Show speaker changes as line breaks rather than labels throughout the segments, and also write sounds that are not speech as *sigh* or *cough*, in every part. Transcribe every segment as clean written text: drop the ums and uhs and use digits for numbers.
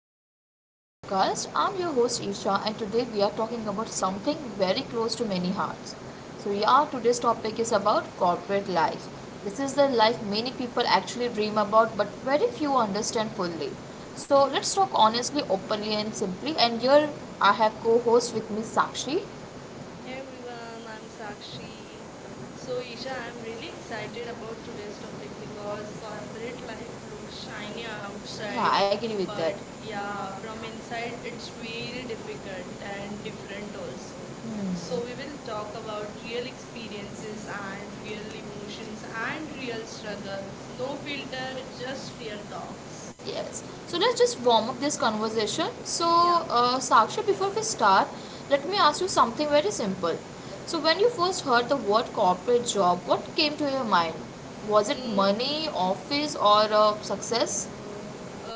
welcome back to our podcast. I'm your host Isha and today we are talking about something very close to many hearts. Today's topic is about corporate life. This is the life many people actually dream about but very few understand fully. So let's talk honestly, openly and simply, and here I have co-host with me Sakshi.
Hey everyone, I'm Sakshi. So, Isha, I'm really excited about today's topic because corporate life looks shiny outside,
Yeah, I agree with that.
but
So
yeah, from inside it's very difficult and different also. So, we will talk about real experiences and real emotions and real struggles. No filter,
no.
just real talks.
Yes. So let's just warm up this conversation.
Yeah.
Saksha, before we start, let me ask you something very simple. So, when you first heard the word corporate job, what came to your mind? Was it
Mm.
money, office, or success?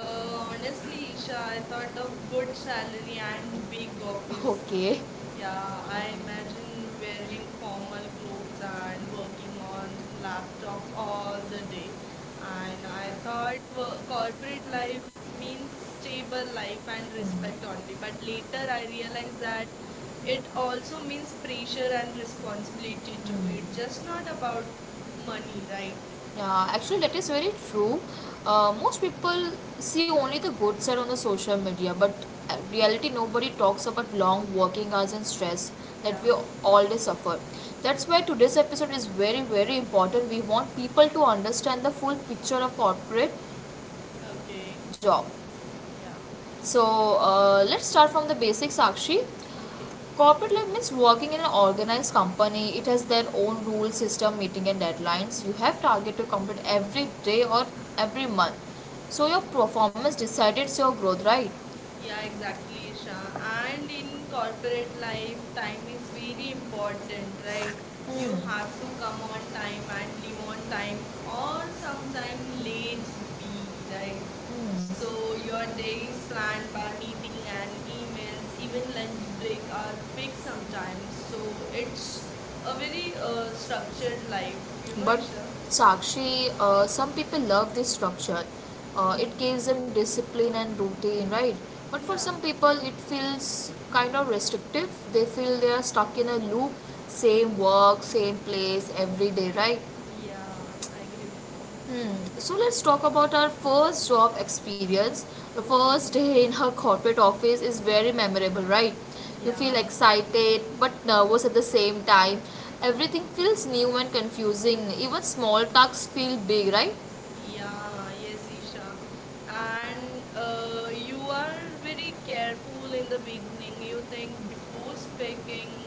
Honestly, Isha, I thought of good salary and big office.
Okay.
Yeah,
I
I
had to
imagine
very
wearing
forward
formal clothes
because
and working
I'm
on laptop all
all
the
the day.
day. And I
I thought
thought
for
corporate
like
life means stable
stable, I
life and
find it's like,
respect only.
I
But
make
later
that I
I realized
realize
that
that
it
also
also
means
means pressure
picture and
and responsibility
responsibility.
too.
Mm. It's
It's just
just not
not
about
about
money
money,
that
right?
yeah, actually, that is very true. Most people see only the good side on the social media, but reality nobody talks about long working hours and stress that
Yeah.
we all day suffer. That's why today's episode is very very important. We want people to understand the full picture of corporate
Okay.
job.
Yeah.
So let's start from the basics, Akshi.
Okay.
Corporate life means working in an organized company. It has their own rule system, meeting and deadlines. You have target to complete every day or every month, so your performance decides your growth, right?
Yeah,
Yeah,
exactly,
exactly. And
Isha. And
in
in corporate
corporate
life,
life,
time
time is
is very
really important.
important, right?
Like, hmm,
You have
have
to
to
come
come on
on time
time
and leave
and on
on
time,
time,
or
or sometime
sometimes late
late be,
even,
right?
right? Hmm. So
So your
your
day
day
is
planned
planned by
by
meeting
meeting
and
and
emails,
meetings,
even
even when
lunch break
they
are
are big
fixed
sometimes.
sometimes.
So
So
it's
it's a
a very
very structured
structured life.
life,
But
Isha.
Sakshi, some people love this structure. Uh,
Hmm.
it gives them discipline and routine, right? But for
Yeah,
some people it feels kind of restrictive. They feel they are stuck in a loop, same work same place every day, right?
yeah, I agree with you.
Hmm. So let's talk about our first job experience. The
Okay,
first day in her corporate office is very memorable, right? You feel
yeah.
excited but nervous at the same time. Everything feels new and confusing. Even small tasks feel big, right? Yeah,
Yeah, yes, Isha.
yes.
And
And
you
you are
are very
very
careful
careful
in
in
the
the
beginning.
beginning.
You
You can
think before
post
speaking,
dating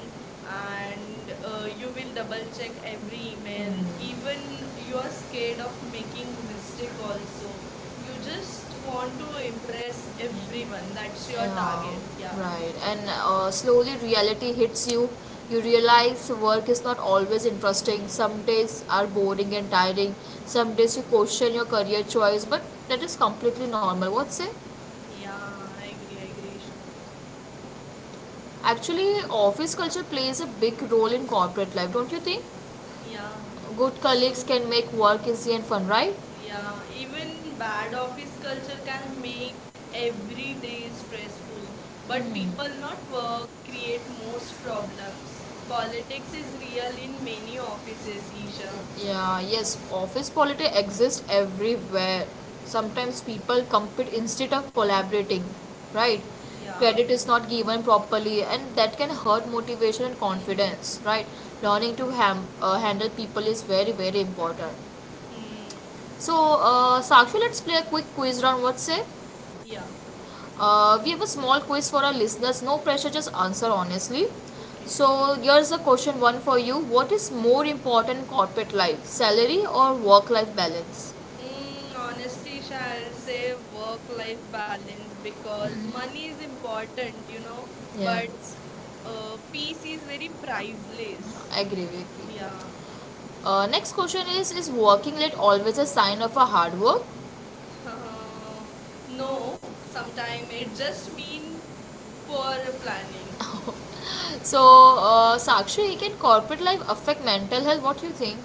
and
and you
you
will
will
double
double
check
check
every
every
email.
email. Hmm. Even
Even you
you
are
are
scared
scared of
of
making
making mistake
mistake,
also. You
just
just
want
want to
to
impress
impress everyone.
everyone. That's
Yeah.
your target. Yeah.
Yeah, right. And slowly reality hits you. You realize work is not always interesting.
Mhm.
Some days are boring and tiring, some days you question your career choice, but that is completely normal. What's it? Yeah.
Yeah, I agree, Isha.
Actually, office culture plays a big role in corporate life, don't you think?
Yeah.
Yeah. Good colleagues
So,
can make work easy and fun, right?
yeah,
Yeah.
even
Even
bad
bad
office
office
culture
culture can
can make
make every
every
day
day stressful.
stressful. But
But
hmm,
people
people
not
not
work
work
create
create
most
most
problems.
problems.
Politics
Politics
is
is there
real in
to
many
make the
offices,
offices
Isha.
miserable. Yeah, yes, office politics exist everywhere. Sometimes people compete instead of collaborating, right?
Yeah.
Credit is not given properly and that can hurt motivation and confidence,
Mm-hmm.
right?
Yeah.
Learning to handle people is very very important.
Hmm.
So Sakshi, let's play a quick quiz round. What's it?
Yeah.
We have a small quiz for our listeners. No pressure, just answer honestly.
Okay.
So here's the question one for you. What is more important in corporate life, salary or work-life balance?
Honestly, Isha, I'll say work-life balance because money is important,
Yeah,
but peace is very priceless.
I agree with
Yeah.
you. Next question is working late always a sign of a hard work?
*laughs*
Uh,
Uh,
no,
no,
sometimes
sometime
it
it just
just me
mean
for
poor
replying.
planning.
*laughs* So, Sakshi, can corporate life affect mental health? What do you think?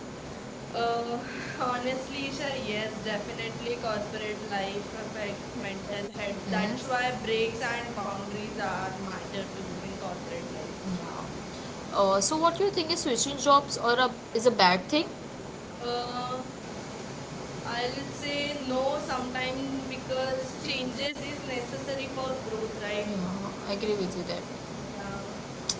Uh,
Uh,
*laughs* Honestly,
honestly,
Isha,
sir,
yes,
yes, definitely
definitely corporate
corporate life
life
affect
affect mental
mental
health.
health. Hmm?
That's
That's why
why breaks
breaks and
and boundaries
boundaries are
are
matter
matter
to
too
me in
in
corporate
corporate life.
life. Yeah. So, what do you think, is switching jobs or a, is a bad thing? Uh,
Uh,
I
I'll
will say
say
no
no
sometimes
sometime
because
because
changes
changes is
is necessary
necessary
for
for growth,
growth, right?
right?
Yeah, I agree with you there.
Yeah.
Yeah.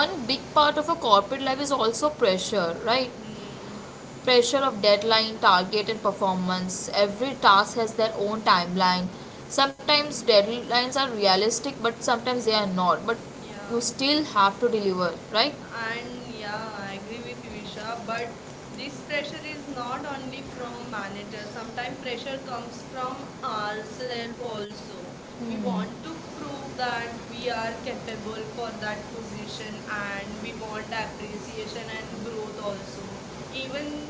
One big part of a corporate life is also pressure, right?
Hmm.
Pressure of deadline, target, and performance. Every task has their own timeline. Sometimes deadlines are realistic, but sometimes they are not. But
Yeah.
you still have to deliver, right?
And
Yeah.
yeah, I agree with you, Isha. But this pressure is not only from
Sometimes
managers. Sometimes pressure
pressure comes
comes
from
from ourselves
ourselves also.
also.
Hmm.
We
We want
want
to
to
prove
prove
that
that we
we
are
are
capable
capable for
for that
that position,
position,
and
and
we
we
want
want
that participation
appreciation
and
and growth
growth also.
also.
Even
Even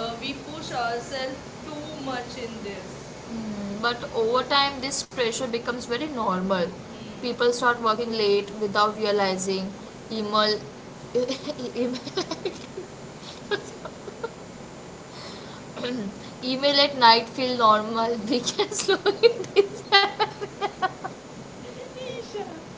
we
we
push
push
ourselves
ourselves too
too
much
much
in
in
this.
this.
Mm, but over time, this pressure becomes very normal.
Hmm.
People start working late without realizing. Email, *laughs* email, *clears throat* email at night feel normal. *laughs* We can
*laughs* Isha
slowly. *laughs*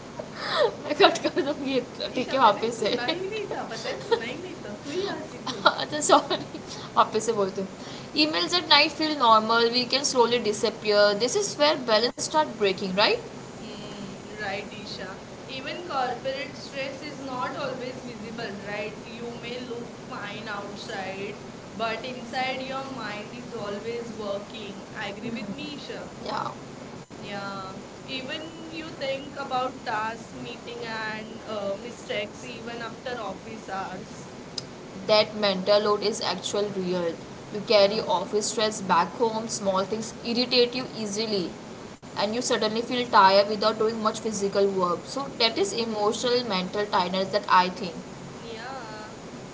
*laughs* मैं cut कर दूंगी, ठीक
ईशा
है
मैंने
वापस से
सुना ही नहीं
*laughs*
था पता है सुना ही नहीं था तू ही हंसी खुद.
अच्छा सॉरी, वापस से बोलती हूँ. Emails at night feel normal, we can slowly disappear. This is where balance start breaking, right?
Hmm, right,
Right, Isha.
Isha.
Even
Even corporate
corporate
stress
stress
is
is
not
not
always
always
visible,
visible,
right?
right?
You
You
may
may
look
look
fine
fine outside,
outside, but
but
inside
inside
your
your mind
mind is
is
always
always working.
working.
I
Agree with
think,
me, Isha?
Isha. Yeah. Yeah.
Yeah.
Even
Even
we
you think
think about
about
dance
task, meeting,
meeting and
and
the
mistakes
steps even
even
after
after office
office
hours.
hours. That mental load is actual real. You
Yeah.
carry office stress back home, small things irritate you easily, and you suddenly feel tired without doing much physical work. So that is
Yeah.
emotional mental tiredness, that I think.
Yeah,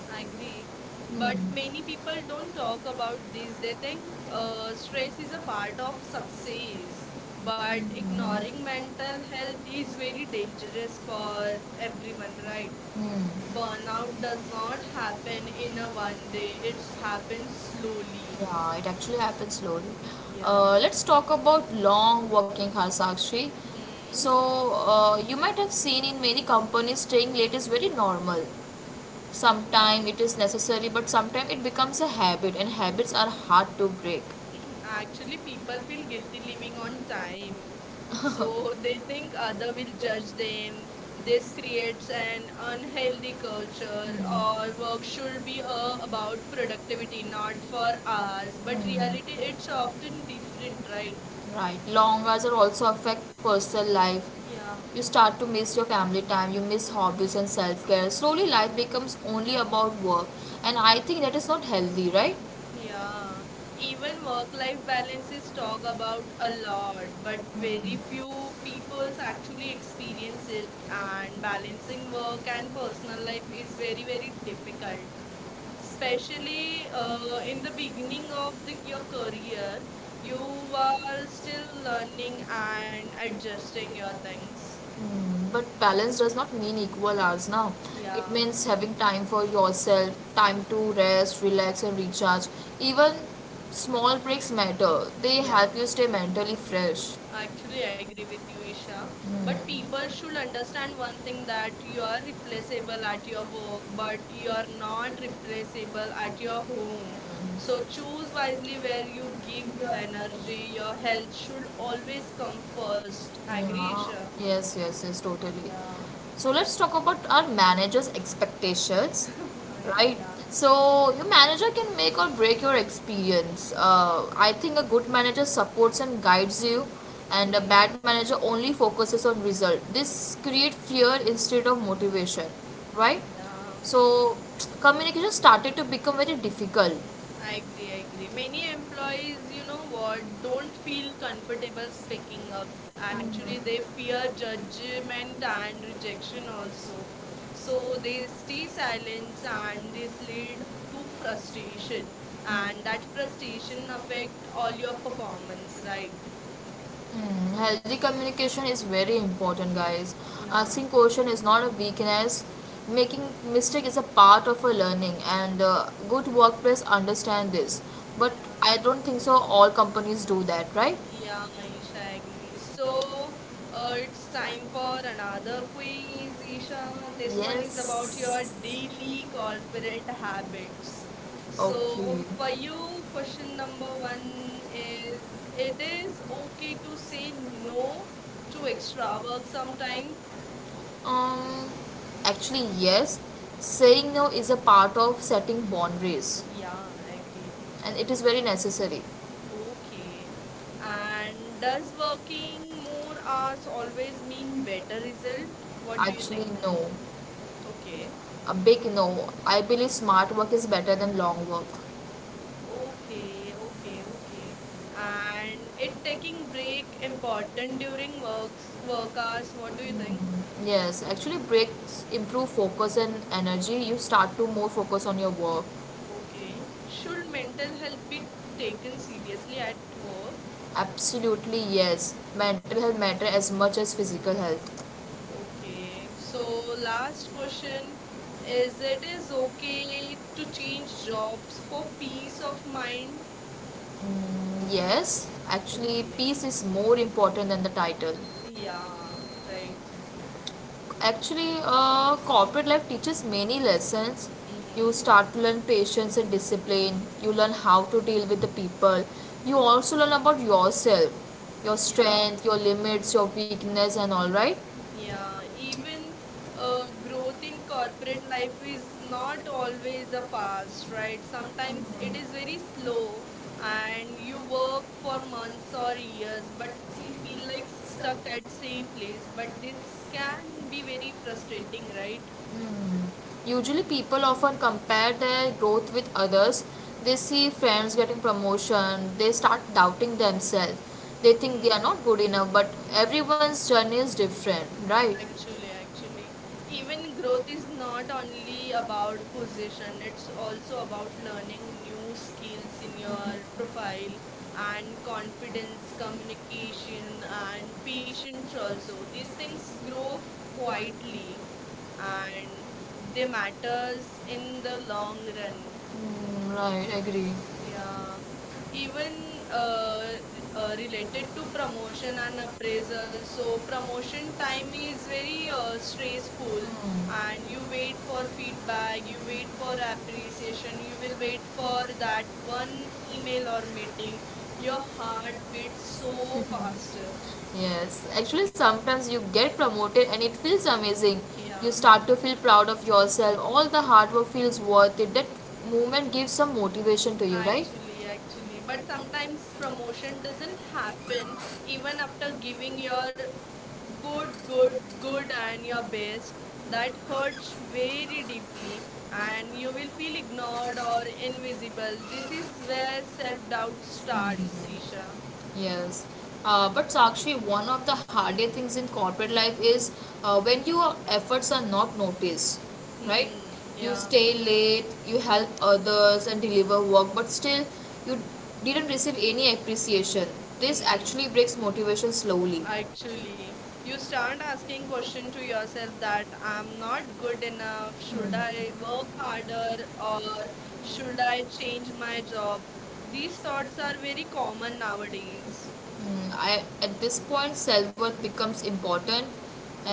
I agree. But many people don't talk about this. They think stress is a part of success. But ignoring mental health is very dangerous for everyone, right?
Hmm.
Burnout does not happen in a one day, it happens slowly.
Yeah, it actually happens slowly.
Yeah.
Let's talk about long working hours, Sakshi.
Hmm.
So you might have seen in many companies staying late is very normal.
Yeah.
Sometimes it is necessary, but sometimes it becomes a habit, and habits are hard to break.
*clears throat* Actually, people feel guilty living on time.
*laughs* So
So
they
they think
think
other will
otherwise that
judge
they,
them. This
this
creates
an
an unhealthy
unhealthy culture,
culture,
mm, or
or work should be
culturally or
about
malnutrition,
productivity,
you know,
not for
for
hours.
others. But
But
mm, yet
reality, it's
it's often
often different,
treated
right?
like, right. Long hours are also affect personal life,
Yeah.
yeah. You start to miss your family time, you miss hobbies and self care. Slowly, life becomes only about work, and I think that is not healthy, right? In
Yeah, even work-life balance is talked about a lot, but very few peoples actually experience it, and balancing work and personal life is very, very difficult. Especially
the
in
beginning
the
of your
beginning of your
career,
career,
you
you are
were still
still learning
learning
and
how.
adjusting your things.
Mm, but balance does not mean equal hours now. It
Yeah,
means having time for yourself, time to rest, relax, and recharge. Even small breaks matter, they
yeah.
help you stay mentally fresh
Actually, I agree with you, Isha. But people should understand one thing that you are replaceable at your work, but you are not replaceable
at
at
your
your
home.
home.
Mm-hmm. So
So choose
choose
wisely
something
where
that
you
could
give
give
your
your energy,
energy.
your
Your
that
health should
should always
always
come
come
first.
first. I
Yeah.
agree, Isha.
So, yes, yes, yes, totally.
Yeah.
So let's talk about our manager's expectations,
*laughs*
right?
Yeah.
So your manager can make or break your experience. I think a good manager supports and guides you, and a bad manager only focuses on result. This create fear instead of motivation, right?
Yeah.
So communication started to become very difficult.
I agree, I agree. Many employees, you know what, don't feel comfortable speaking up. Actually, they fear judgment and rejection also. So they stay silent and this lead to frustration.
Frustration, and
And
that
that
frustration
frustration affect
affects
all
all
your
your
performance,
performance, right?
right?
Mm, healthy communication is very important, guys.
Yeah,
Asking question is not a weakness. Making mistake is a part of a learning, and good workplace understand this. But
yeah.
I don't think so, all companies do that, right?
Yeah, Isha agrees. So, it's time for another quiz, Isha. This one is about your
Yes.
daily corporate habits. So,
Okay. So,
for you, question number one is, it
okay,
is okay to say
no.
no to extra work sometime?
Um, actually, yes. Saying no is a part of setting boundaries,
Yeah, I agree.
and it is very necessary.
Okay. And does working more hours always mean better result? What do you
Actually,
think?
no.
Okay.
A big no. I believe smart work is better than long work.
Okay, okay, okay. And it taking break important during work hours. What do you think?
Yes, actually breaks improve focus and energy. You start to more focus on your work.
Okay. Should mental health be taken seriously at work?
Absolutely yes. Mental health matter as much as physical health.
Okay. So
So
last
last question
question
is
is, it
that the
is okay to
cocaine to
change
smoke
jobs for peace
peace of
of
mind.
mind?
Mm, yes, actually,
Okay.
peace is more important than the title. Yeah.
Yeah, right.
Right. Actually, corporate life teaches many lessons. You
Mm-hmm.
start to learn patience and discipline. You learn how to deal with the people. You also learn about yourself, your
Yeah.
strength, your limits, your weakness, and all right.
Yeah, even growth in corporate life is not always a fast, right? Sometimes it is very slow and you work for months or years but still feel like stuck at same place. But this can be very frustrating, right?
Hmm. Usually, people often compare their growth with others. They see friends getting promotion, they start doubting themselves, they think they are not good enough, but everyone's journey is different, right?
Actually, even growth is not only about position, it's also about learning new skills in your profile and confidence, communication, and patience also. These things grow quietly and they matters in the long run.
Mm, right, agree.
Yeah, even
uh,
related
uh,
to promotion and appraisal. So
so
promotion time is very
uh,
stressful, and you
hmm,
wait for feedback, you wait for appreciation, you will wait for that one email or meeting. Your heart beats so faster.
so yes, actually, sometimes you get promoted and it feels amazing.
Yeah.
You start to feel proud of yourself. All the hard work feels worth it. That movement gives some motivation to you, right?
Actually, but
But sometimes
sometimes
promotion
promotion doesn't
doesn't
happen
happen
even
even
after
after
giving
giving your
your good,
good,
good,
good
good and
and
your
love
best.
it. Really,
That
and you will
hurts very deeply, and you will feel
feel
ignored
proud
or invisible.
of individual.
This is where self doubt
Self doubt.
starts, Isha.
Yes. But Sakshi, one of the hardest things in corporate life is when your efforts are not noticed, right?
Hmm,
You, yeah,
yeah.
stay late, you help others and deliver work, but still you didn't receive any appreciation. This
Hmm.
actually breaks motivation slowly.
Actually, you start asking question to yourself that I'm not good enough. Should I work harder
Or
or
we shouldn't
should
have
I
exchanged
change my
words, or
job?
these
These thoughts
sorts are
are very
very
common
popular nowadays.
nowadays.
Mm, I, at this point, self worth becomes important,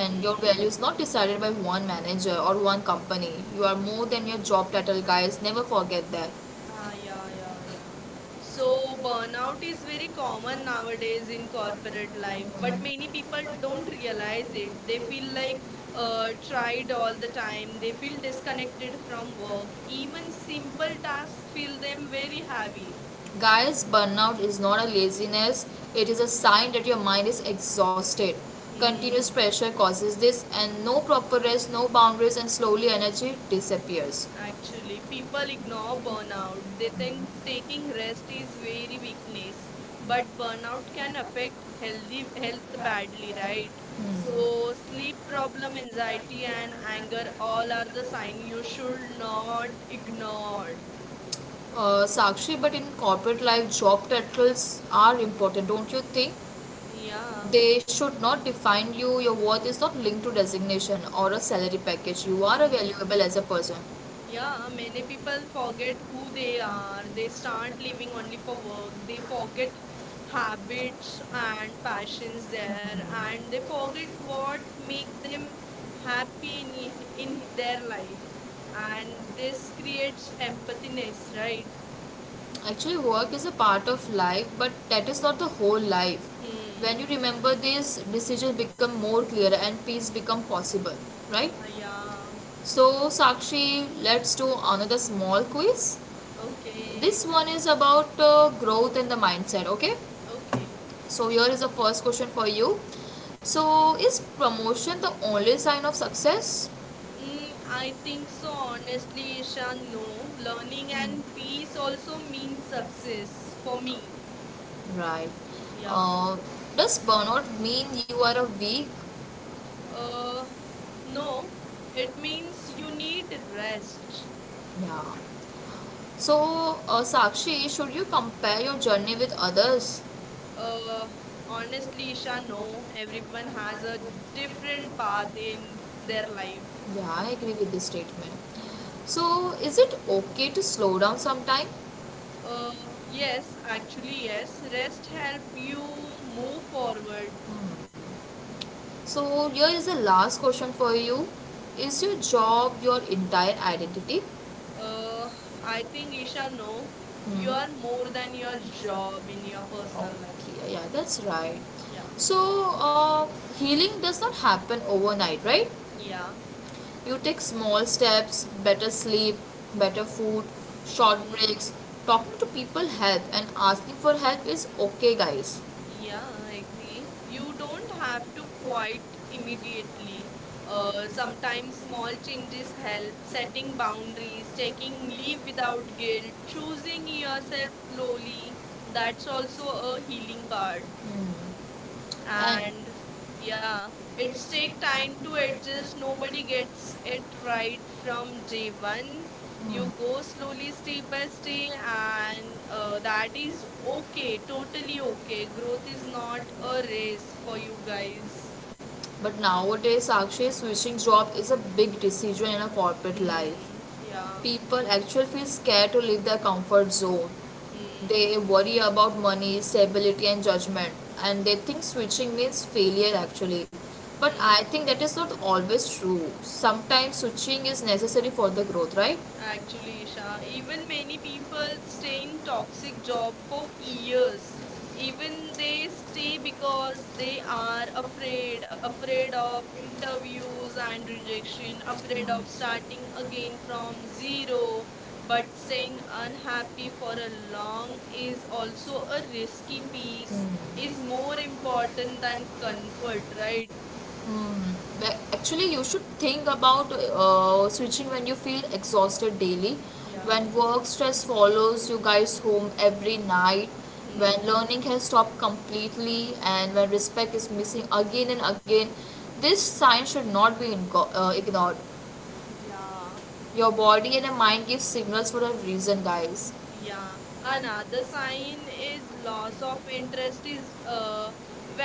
Hmm.
your value is not decided by one manager or one company. You are more than your job title, guys. Never forget that.
Ah, yeah, yeah, yeah.
So
So
now
burnout is
it's
very
very
common
common now that we
nowadays
think
in
corporate
corporate life,
planning,
but
but we
many people
people
don't
don't
realize
realize
it.
it.
They
They
feel
be
like
like trying
tried all
all
the
the time.
time. They
They feel
feel
disconnected
disconnected
from
from
work.
work. Even
Even simple
simple tasks
tasks feel
feel
them
them very
very heavy.
heavy.
Guys, burnout is not a laziness, it is a sign that your mind is exhausted. Continuous
Hmm.
pressure causes this, and no proper rest, no boundaries, and slowly energy disappears.
Actually, people
People know
ignore
burnout,
burnout. They
that then
think
taking
taking
rest
rest is
is very
very
weakness.
weakness, but
But
burnout
burnout can
can affect
affect
healthy
healthy health
health badly,
value, right?
right?
So
So sleep
sleep problem,
problem, anxiety
anxiety and
and
anger,
anger
all
all are
of
the
the
sign you
cycle
should
should not
not
be
ignore.
ignored. Sakshi, but in corporate life, job titles are important, don't you think?
Yeah.
They should not define you. Your worth is not linked to designation or a salary package. You are
Hmm.
valuable as a person. या
Yeah, many
मैंने
people
कल
forget
pocket
who
में ले
they
रहा हूँ
are. They
next
start
summer के
living
लिए
only for
को
work.
बहुत
They forget
pocket pockets
habits
and
and passions
patches
there, and
and
they
वो
forget
पॉकेट और
what make
make them
them happy
happy
in,
in
in their
their
life.
Life
And
and
this
this
creates
creates empathy
empathiness, right?
Right. Actually, work is a part of life, but that is not the whole life.
Hmm.
When you remember this, decisions become more clear and peace become possible, right?
Yeah.
So, Sakshi, let's do another small quiz.
Okay.
This one is about growth and the mindset, okay?
Okay.
So, here is the first question for you. So, is promotion the only sign of success? I
I
think
think so.
so, honestly,
Honestly, Isha, no.
Rishabh,
Learning
learning and
and
peace
peace
also
also means
means success
success for
for
me.
me. Right.
Yeah.
Uh, does burnout mean you are a weak? Uh,
Uh,
no,
no,
it
it
means
means you
you need
need
rest.
rest.
Yeah. So, Sakshi, should you compare your journey with others?
Uh, honestly,
Honestly,
Isha,
some don't,
no, everyone
and
has a
when
different
different paths
path in
in
their
their
life.
life. Yeah, I agree with this statement. So, is it okay to slow down sometime?
Uh, yes, actually, yes, rest help you move forward.
So here is the last question for you. Is your job your entire identity?
Uh, I think, Isha, no, you are more than your job in your personal life.
Okay, yeah, that's right.
Yeah,
So uh, healing does not happen overnight, right?
yeah.
You take small steps, better sleep, better food, short
Hmm.
breaks. Talking to people help and asking for help is okay, guys.
Yeah, I agree. You don't have to quit immediately. Sometimes small changes help, setting boundaries, taking leave without guilt, choosing yourself slowly. That's also a healing part,
Hmm. And
and
yeah,
yeah,
it
it's
takes
take
time
time to
to adjust,
adjust.
nobody
Nobody gets
gets it
it
right
right
from
from
the day
day
one.
one.
You
You
go
go
slowly,
slowly, step
step by
by
step,
step,
and
and
that
that is
is okay,
okay, totally
totally
okay.
okay.
Growth
Growth
is
is not
not a
a
race
risk
for
for
you
you
guys.
guys. But nowadays, Sakshi, switching job is a big decision in a corporate life,
Hmm. Yeah.
people actually feel scared to leave their comfort zone.
Hmm.
They worry about money, stability, and judgment, and they think switching means failure actually. But
Hmm.
I think that is not always true. Sometimes switching is necessary for the growth, right?
Actually, Isha, even many people stay in toxic job for years. Even they stay because they are afraid, afraid of interviews and rejection,
After
afraid
of
of
starting
starting
again
again
from
from
zero,
zero. But
but still
staying unhappy
unhappy
for
for
a
the
long
mom is
is
also
also
a
a risky piece,
SEP.
is
Is
more
more important
important
than
than comfort,
12.9,
right?
but actually, you should think about switching when you feel exhausted daily,
Yeah.
when work stress follows you guys home every night, when
Hmm.
learning has stopped completely, and when respect is missing again and again. This sign should not be ignored.
Yeah.
Your body and your mind give signals for a reason, guys.
Yeah,
Yeah. And
another
understanding
sign
it
is loss
blocks of
of
interest
interest
is
is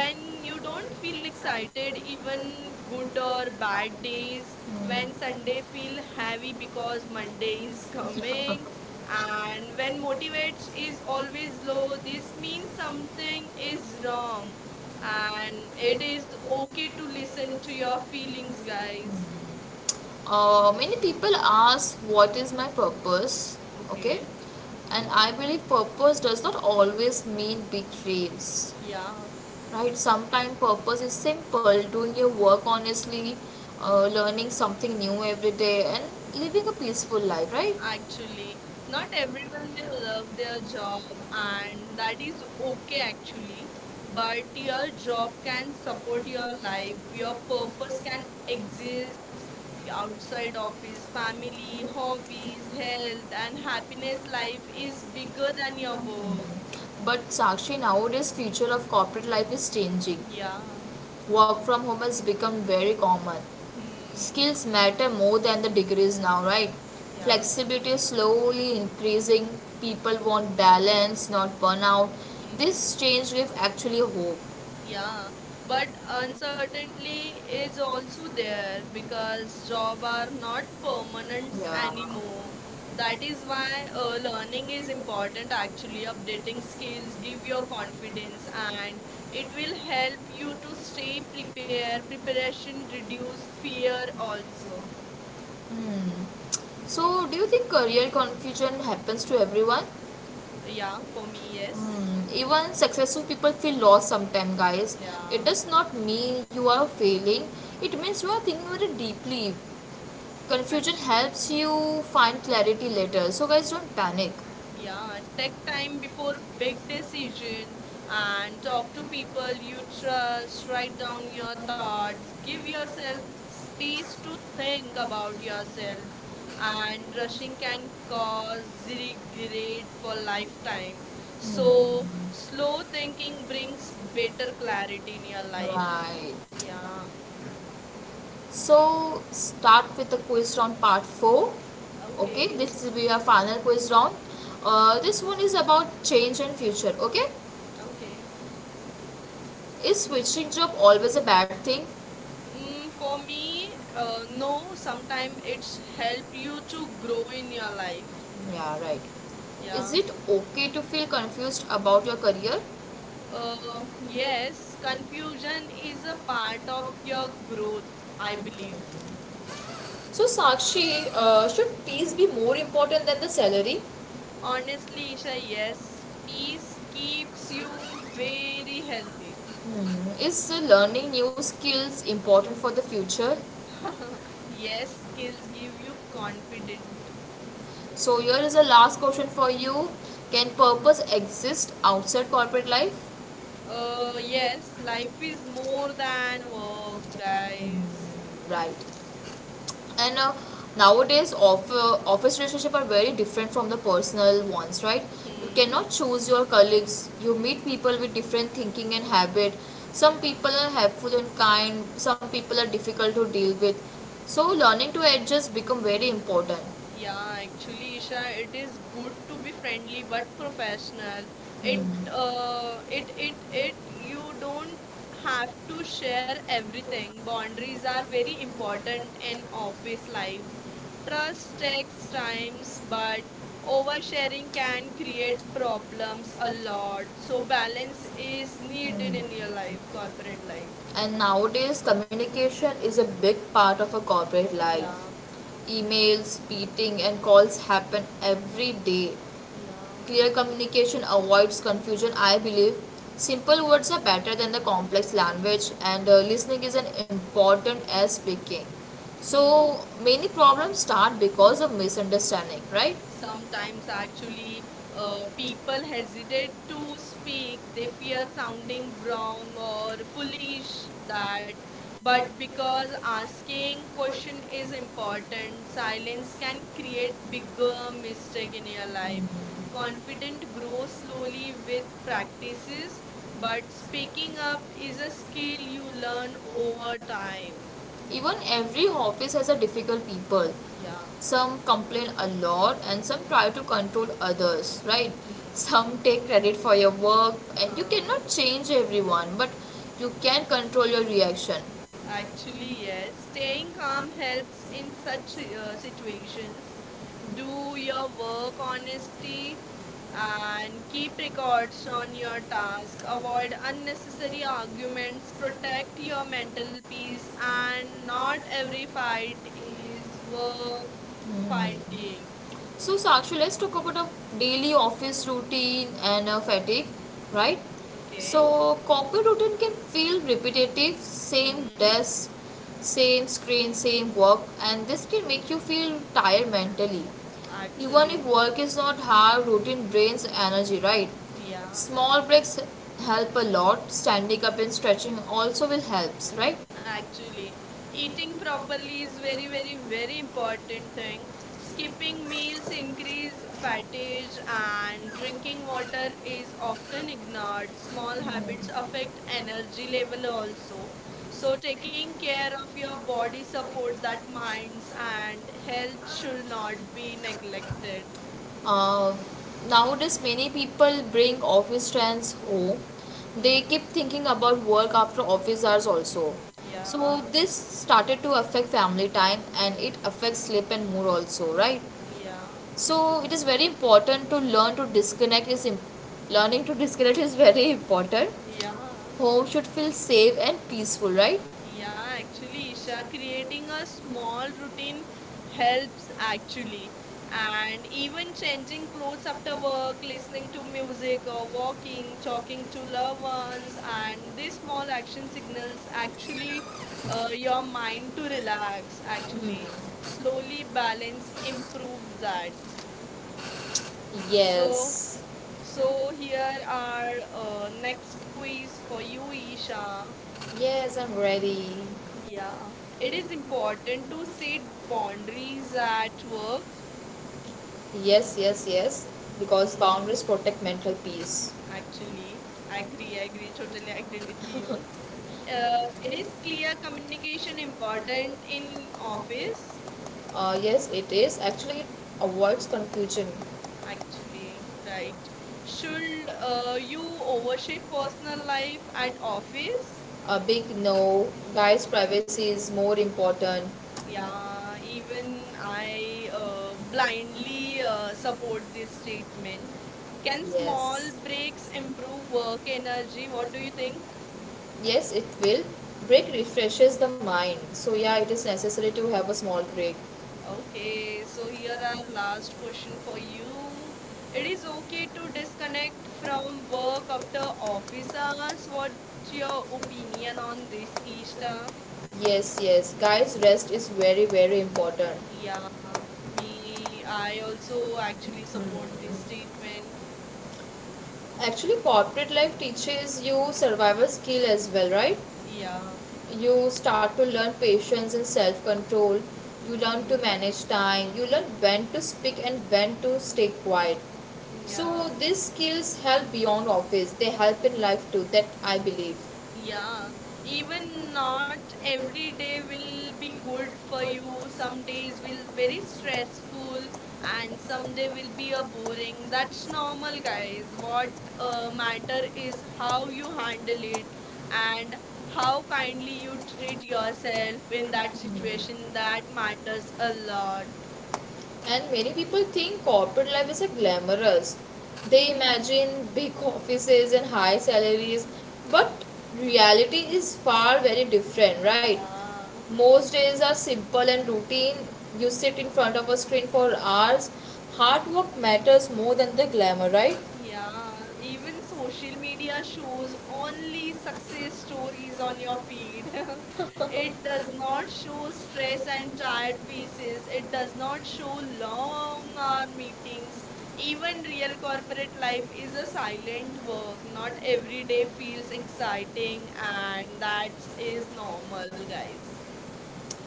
when you
you
don't
don't feel
feel
excited,
cycle,
even
you will
good
put
or
on why it
bad
is
days,
when
when
Sunday
Sunday
feel
feel
happy
heavy
because
because
my
Monday
day is
is *laughs*
perfect.
coming,
And
and
when
when motivates
motivates is
is
always
always low,
low, this
this means
means something
something
is
is
wrong.
wrong,
And
and
it
it
is
is okay
okay to
to
listen
listen to
to your
your
feelings,
feelings,
guys.
guys.
Mm-hmm. Many people ask what is my purpose, okay,
Okay,
and I believe purpose does not always mean big dreams,
yeah.
right? Sometimes purpose is simple doing your work honestly, learning something new every day and living a peaceful life, right?
Actually, not
Not
everyone
everyone
will
will
love
love
their
their job,
job, and
and that
that is
is
okay
okay.
actually.
But
But your
your
job
job can
can support
support
your
your
life,
life,
your
your
purpose
purpose
can
can exist
exist outside
outside of
office,
this family,
family,
your
hobbies,
hobbies,
health, and
and
happiness.
happiness that
Life is
is
bigger
bigger than
than your
your
work.
purpose. But Sakshi, nowadays future of corporate life is changing.
Yeah.
Yeah. Work from home has become very common.
Hmm.
Skills matter more than the degrees now, right?
Yeah.
Flexibility is slowly increasing. People want balance, not burnout. This
Hmm.
change gives actually hope.
Yeah,
Yeah. But
but
uncertainty
uncertainty is
is
also
also there
there
because
because
it's long
job
term,
are not
not permanent.
permanent
Yeah.
anymore.
That
That
is
is
why
why learning
movie
is
is about
important actually.
practical. It
Updating
will
skills
change
give your
your confidence
confidence
and
and it
it
will
will help
help you
you
to
to stay
stay
prepared
prepared.
and
Preparation reduce
reduce
fear
fear also.
also.
Hmm. So, do you think career confusion happens to everyone?
Yeah, for me, yes.
Hmm. Even successful people feel lost sometimes, guys.
Yeah,
It does not mean you are failing, it means you are thinking very deeply, confusion
actually.
helps you find clarity later, so guys don't panic.
Yeah,
Yeah.
take
That
time
time we
before
all break
big
their thinking.
decision
Um,
and
Talk
talk to
to people,
people you
insurance,
trust,
write
write
down
down your
your thought,
thoughts, give
give
yourself
yourself space
space
to
to
think
think
about
about
yourself.
yourself,
And
and
industry
rushing
can
can
cover
cause
significantly
regret for
your lifetime.
lifetime.
Mm. So
So
slow
slow
thinking
thinking
brings
brings better
greater
clarity in your
clarity,
life.
right?
Yeah.
Yeah. So start with the quiz round part 4. Okay,
Okay.
this will be our final quiz round. This one is about change and future. Okay,
Okay.
is switching job always a bad thing?
For
Um,
me,
no,
no.
sometimes
Sometimes it's
it's help
help
you
you
to
to
grow
grow
in
in your
your
life.
life. Yeah, right. Is
Yeah.
it okay to feel confused about your career?
Uh,
Uh, yes,
yes,
confusion
confusion
is
is a
the part
part of
of
your
your
growth. I believe.
growth. So, Sakshi, should peace be more important than the salary? On
Honestly, Isha, yes, peace keeps
is.
you very healthy.
Is learning new skills important for the future?
*laughs* Yes, skills give you confident.
So, here is the last question for you. Can purpose exist outside corporate life?
Yes, life is more than work, guys.
Hmm. Right. And nowadays off, office relationships are very different from the personal ones, right? You
Hmm.
cannot choose your colleagues, you meet people with different thinking and habit, some
Yeah.
people are helpful and kind, some people are difficult to deal with, so learning to adjust become very important.
Yeah, actually, Isha, it is good to be friendly but professional. It it it it you don't have to share everything. Boundaries are very important in office life. Trust takes times, but oversharing can create problems a lot. So balance is needed in your life, corporate life.
And nowadays, communication is a big part of a corporate life.
Yeah,
Emails, beating, and calls happen every day.
yeah.
Clear communication avoids confusion, I believe. Simple words are better than the complex language, and listening is as important as speaking.
Hmm.
So, many problems start because of misunderstanding, right?
Sometimes, actually, people hesitate to speak. They fear sounding wrong or foolish. That, but
But because
because
our asking
asking
push
question is
is the content
important,
silos
silence
can
can create
create bigger
bigger mistake in your
resentment.
life.
Content
Confident
grows
grows
slowly
slowly with
with practices,
practices,
but
but
speaking
speaking up
up
is
is
a
a
skill
skill
you
to learn
learn over
over time.
time.
Even every office has a difficult people.
Yeah.
Some complain a lot and some try to control others, right?
Hmm.
Some take credit for your work and you
Huh.
cannot change everyone, but you can control your reaction.
Actually, yes. Staying calm helps in such situations. Do your work honestly and keep records on your task. Avoid unnecessary arguments. Protect your mental peace. And not every fight is worth
Mm.
fighting.
So, Sakshi, let's talk about a daily office routine and a fatigue, right?
Okay?
So, corporate routine can feel repetitive, same
Hmm.
desk, same screen, same work, and this can make you feel tired mentally. Even if
Actually,
work is not hard, routine drains energy, right?
yeah.
Small breaks help a lot, standing up and stretching also will helps, right?
Actually, eating properly is very very very important thing. Skipping meals increase fatigue and drinking water is often ignored. Small
um,
habits affect energy level also. So
So
taking care of your body support that minds and health should not be neglected.
uh, Nowadays, many people bring office trends home. They
Hmm.
keep thinking about work after office hours also.
Yeah.
So this started to affect family time and it affects sleep and mood also, right?
Yeah.
So it is very important to learning to disconnect is *laughs* very important.
Yeah.
Home should feel safe and peaceful, right?
Yeah, actually, Isha, creating a small routine helps actually. And even changing clothes after work, listening to music, or walking, talking to loved ones, and these small action signals actually your mind to relax, actually. Slowly balance improves that.
Mm.
So,
Yes.
here are next quiz for you, Isha.
Yes, I'm ready.
Yeah, it is important to set boundaries at work.
Yes, yes, yes. Because
Mm,
boundaries protect mental peace.
actually, totally agree with you. Uh, it is clear communication important in office,
Yes, it is. Actually, it avoids confusion.
actually, right? Should you overshare personal life at office?
A big no. Guys'
Okay.
privacy is more important.
Yeah, even I blindly support this statement. Can
Yes.
small
Yes.
breaks
Simple
improve
work
work
in and
energy? What
because
do you
we
think?
didn't. Yes, it will. Break refreshes the mind. So yeah, it is necessary to have a small break. Okay.
Okay, so
So
here
here
our
one last
last
question
question for
for
you.
you.
It
When
is okay
conflict
to
to
disconnect
disconnect from
from
work
work
or
after
from
office
office hours
hours. What's
or
your
job
opinion
career or
on this,
future?
Isha?
Yes, yes. Guys, rest is very, very important. Yeah.
Yeah, me, I
So I think so
also
what.
actually
Hmm.
support this statement.
Say. Actually, corporate life teaches you survival skill as well, right?
Yeah.
You start to learn patience and self control, you learn to
Hmm.
manage time, you learn when to speak and when to stay quiet, so
Yeah.
these skills help beyond office, they help in life too, that I believe.
Yeah,
Even
even
now,
not every
we
day will be
go
good for
going on
you. Some
something
days will very
very stressful
stressful
and
and some day
something
will
we
be a
are
boring. That's
that's normal,
normal,
that
guys.
is
What
what
matter
mental is
is
how
how you handle it and
we
how kindly you treat
treat yourself
yourself in
with that
that
situation
situation.
that,
That matters a lot.
and many people think corporate life is a glamorous. They
*laughs*
imagine big offices and high salaries, but reality is far very different, right?
Yeah.
Most days are simple and routine. You sit in front of a screen for hours. Hard work matters more than the glamour, right?
Yeah, even social media shows only success stories on your feed. *laughs* It does not show stress and tired faces. It does not show long hour meetings. Even real corporate life is a silent work. Not every day feels exciting, and that is normal, guys.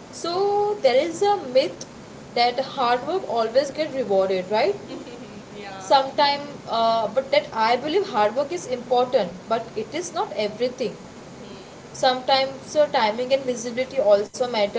So there is a myth that hard work always get rewarded, right?
*laughs* Yeah. *laughs*
Sometime but that I believe hard work is important but it is not everything,
Hmm.
sometimes timing and visibility also matter,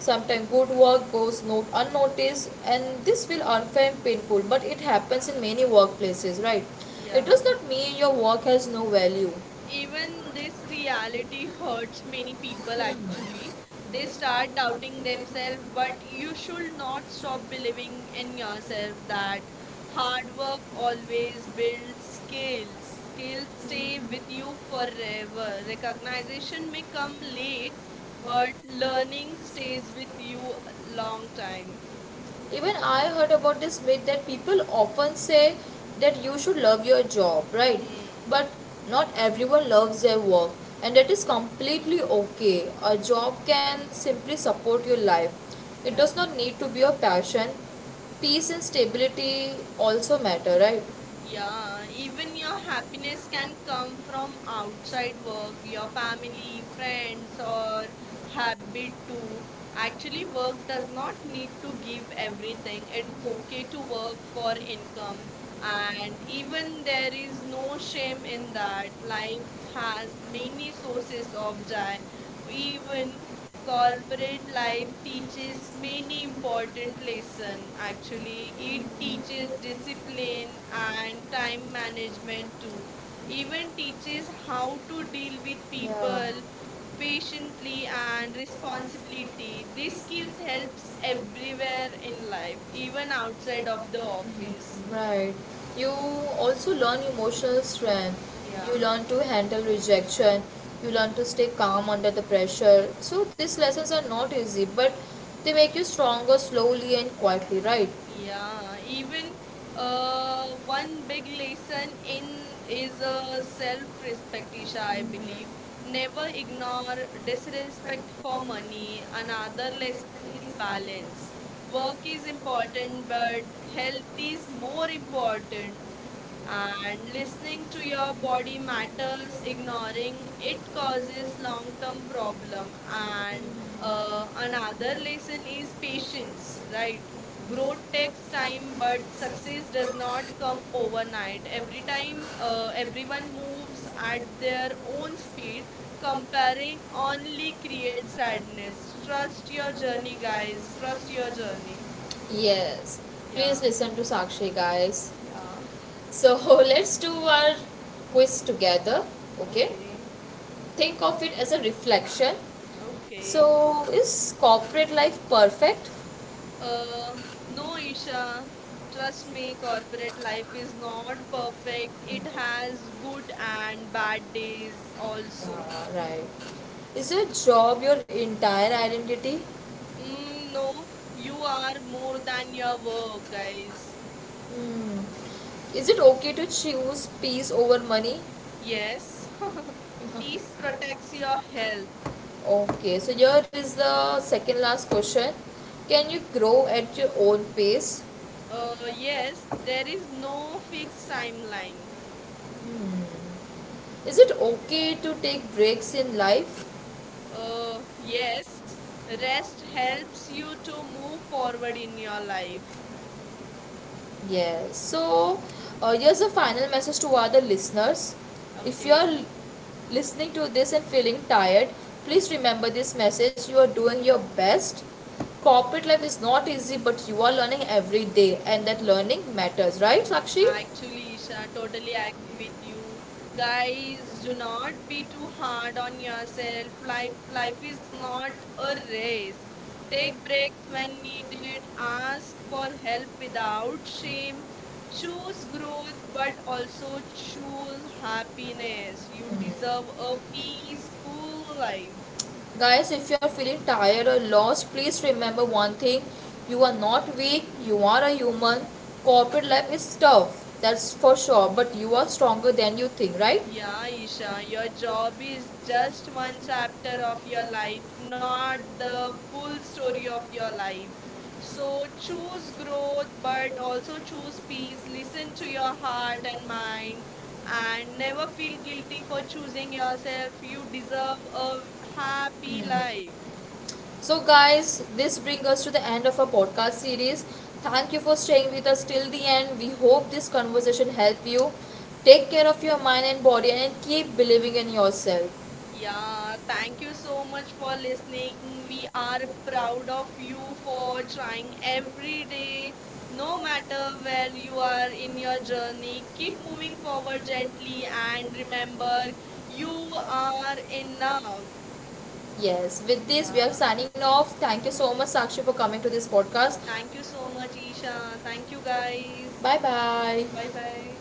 sometimes good work goes not unnoticed and this will unfair and painful but it happens in many workplaces, right? It does
Yeah.
not mean your work has no value,
Even this reality hurts many people actually. They start doubting themselves, but you should not stop believing in yourself that hard work always builds skills. Skills stay with you forever. Recognition may come late,
but
but
learning
learning
stays
stays with
with
you a
you long
long time.
time. Even I heard about this myth that people often say that you should love your job, right?
Hmm.
But not everyone loves their work, and that is completely okay, a job can simply support your life, it
Yeah.
does not need to be your passion. Peace and stability also matter, right?
Yeah, even your happiness can come from outside work, your family, friends, or habit too. Actually, work does not need to give everything. It's okay to work for income and even there is no shame in that. Life has many sources of joy. Even
People Alvin
corporate
Kyle
life
teaches
teaches
many
many
important
important
lessons.
lesson
Actually,
actually.
he
It teaches
teaches discipline,
discipline and
Alvin Kyle
time
management.
management too.
Even
Even teaches
teaches how
how
to
to
deal
deal with
with people. Yeah.
people
Patiently
patiently
and
and
responsibility.
responsibility. These
This skill
skills helps
helps everywhere
everywhere
in
in life,
life, even
even outside
outside of
of the
the
office.
office. Right. You also learn emotional strength, you
Yeah,
learn to handle rejection, you learn to stay calm under the pressure, so these lessons are not easy, but they make you stronger slowly and quietly, right?
yeah.
Yeah.
Even
Even one
one
big
big
lesson
lesson
in
in is
is of
self-respect, Isha,
self-reflection.
I
I would
believe. Never
never
ignore
ignore
disrespect
disrespect
for
for money.
money. Another
Another
lesson
lesson
is
is balance.
balance. Work
Work
is
is important,
important,
but
but
health
health
is
is more
more important important.
important.
After
And
listening
listening to
to
your
your body,
body
matter
matters,
is
ignoring it
it causes
causes long
long-term
term
problem.
problem.
And
And
uh,
another
another
lesson
reason
is
is patience.
patience,
Right?
right? Growth
Growth
takes
takes time,
time, but
but success
success does
does not
not come
come
overnight.
overnight.
Every
Everyone,
time everyone
everyone
moves
moves
at
at their
their own
own
speed,
speed. Comparing
comparing only
only
creates
creates sadness.
sadness. Trust
Trust
your
your
journey,
journey,
guys.
guys.
Trust
Trust
your
your journey.
journey.
Yes.
Yeah,
Please listen to Sakshi, guys.
yeah.
So *laughs* let's do our quiz together. Okay.
Okay,
Think of it as a reflection.
okay.
So is corporate life perfect?
Uh, no, Isha. Trust me, corporate life is not perfect. It has good and bad days also.
Ah, right. Is your job your entire identity?
Mm, no, you are more than your work, guys.
Hmm. Is it okay to choose peace over money? Yes.
Yes, *laughs*
*laughs* Please
peace protects
protect your
your health.
health. Okay, so here is the second last question. Can you grow at your own pace? Uh, yeah,
Yes, there is no
no.
fixed timeline.
Hmm. Is it okay to take breaks in life? Yeah,
Yes,
that
rest helps
helps you
you
to
to
move
move
forward
forward in
in your
your life.
life. Yes. So, here's a final message to other listeners. If you
Okay.
are listening to this and feeling tired, please remember this message. You are doing your best. Corporate life is not easy, but you are learning every day, and that learning matters, right, Sakshi?
Actually, Isha, totally agree with you. Guys, do not be too hard on yourself. Life is not a race. Take breaks when needed. Ask for help without shame. Choose growth, but also choose happiness. You deserve a peaceful
But
life.
mm. Guys, if you are feeling tired or lost, please remember one thing, you are not weak, you are a human. Corporate life is tough, that's for sure, but you are stronger than you think, right? Yeah,
Yeah,
Raksha,
Isha, your
the job
job is
is just
just one
one
chapter
factor of
of your
your life,
life,
not
not
the
the full
full
story
story
of
of
your
your life.
life.
So
So
choose
choose
your
growth,
good work,
but also choose peace. Listen to your heart and mind, and never
never feel
feel guilty
guilty
for
for
choosing
choosing yourself.
yourself. You deserve a
You deserve.
happy
Mm.
life.
So, guys, this brings us to the end of our podcast series. Thank you for staying with us till the end. We hope this conversation helped you. Take care of your mind and body and keep believing in yourself. Yeah.
Yeah,
Thank you
thank you
so
so much
much
for
for listening.
listening. We
We are
are
proud
proud of
of
you
you over
for
time
trying
and
every day.
everything.
No
No matter
matter
when
where you
you are
are in
in
your
your journey,
journey,
keep
keep moving
moving forward
forward
that way
gently
and
and
remember
remember
you
you
are
are
enough.
enough.
Yes, with this, we
Yeah,
are signing off. Thank you so much, Sakshi, for coming to this podcast.
thank you so much, Isha. Thank you, guys.
Bye bye.
Bye bye.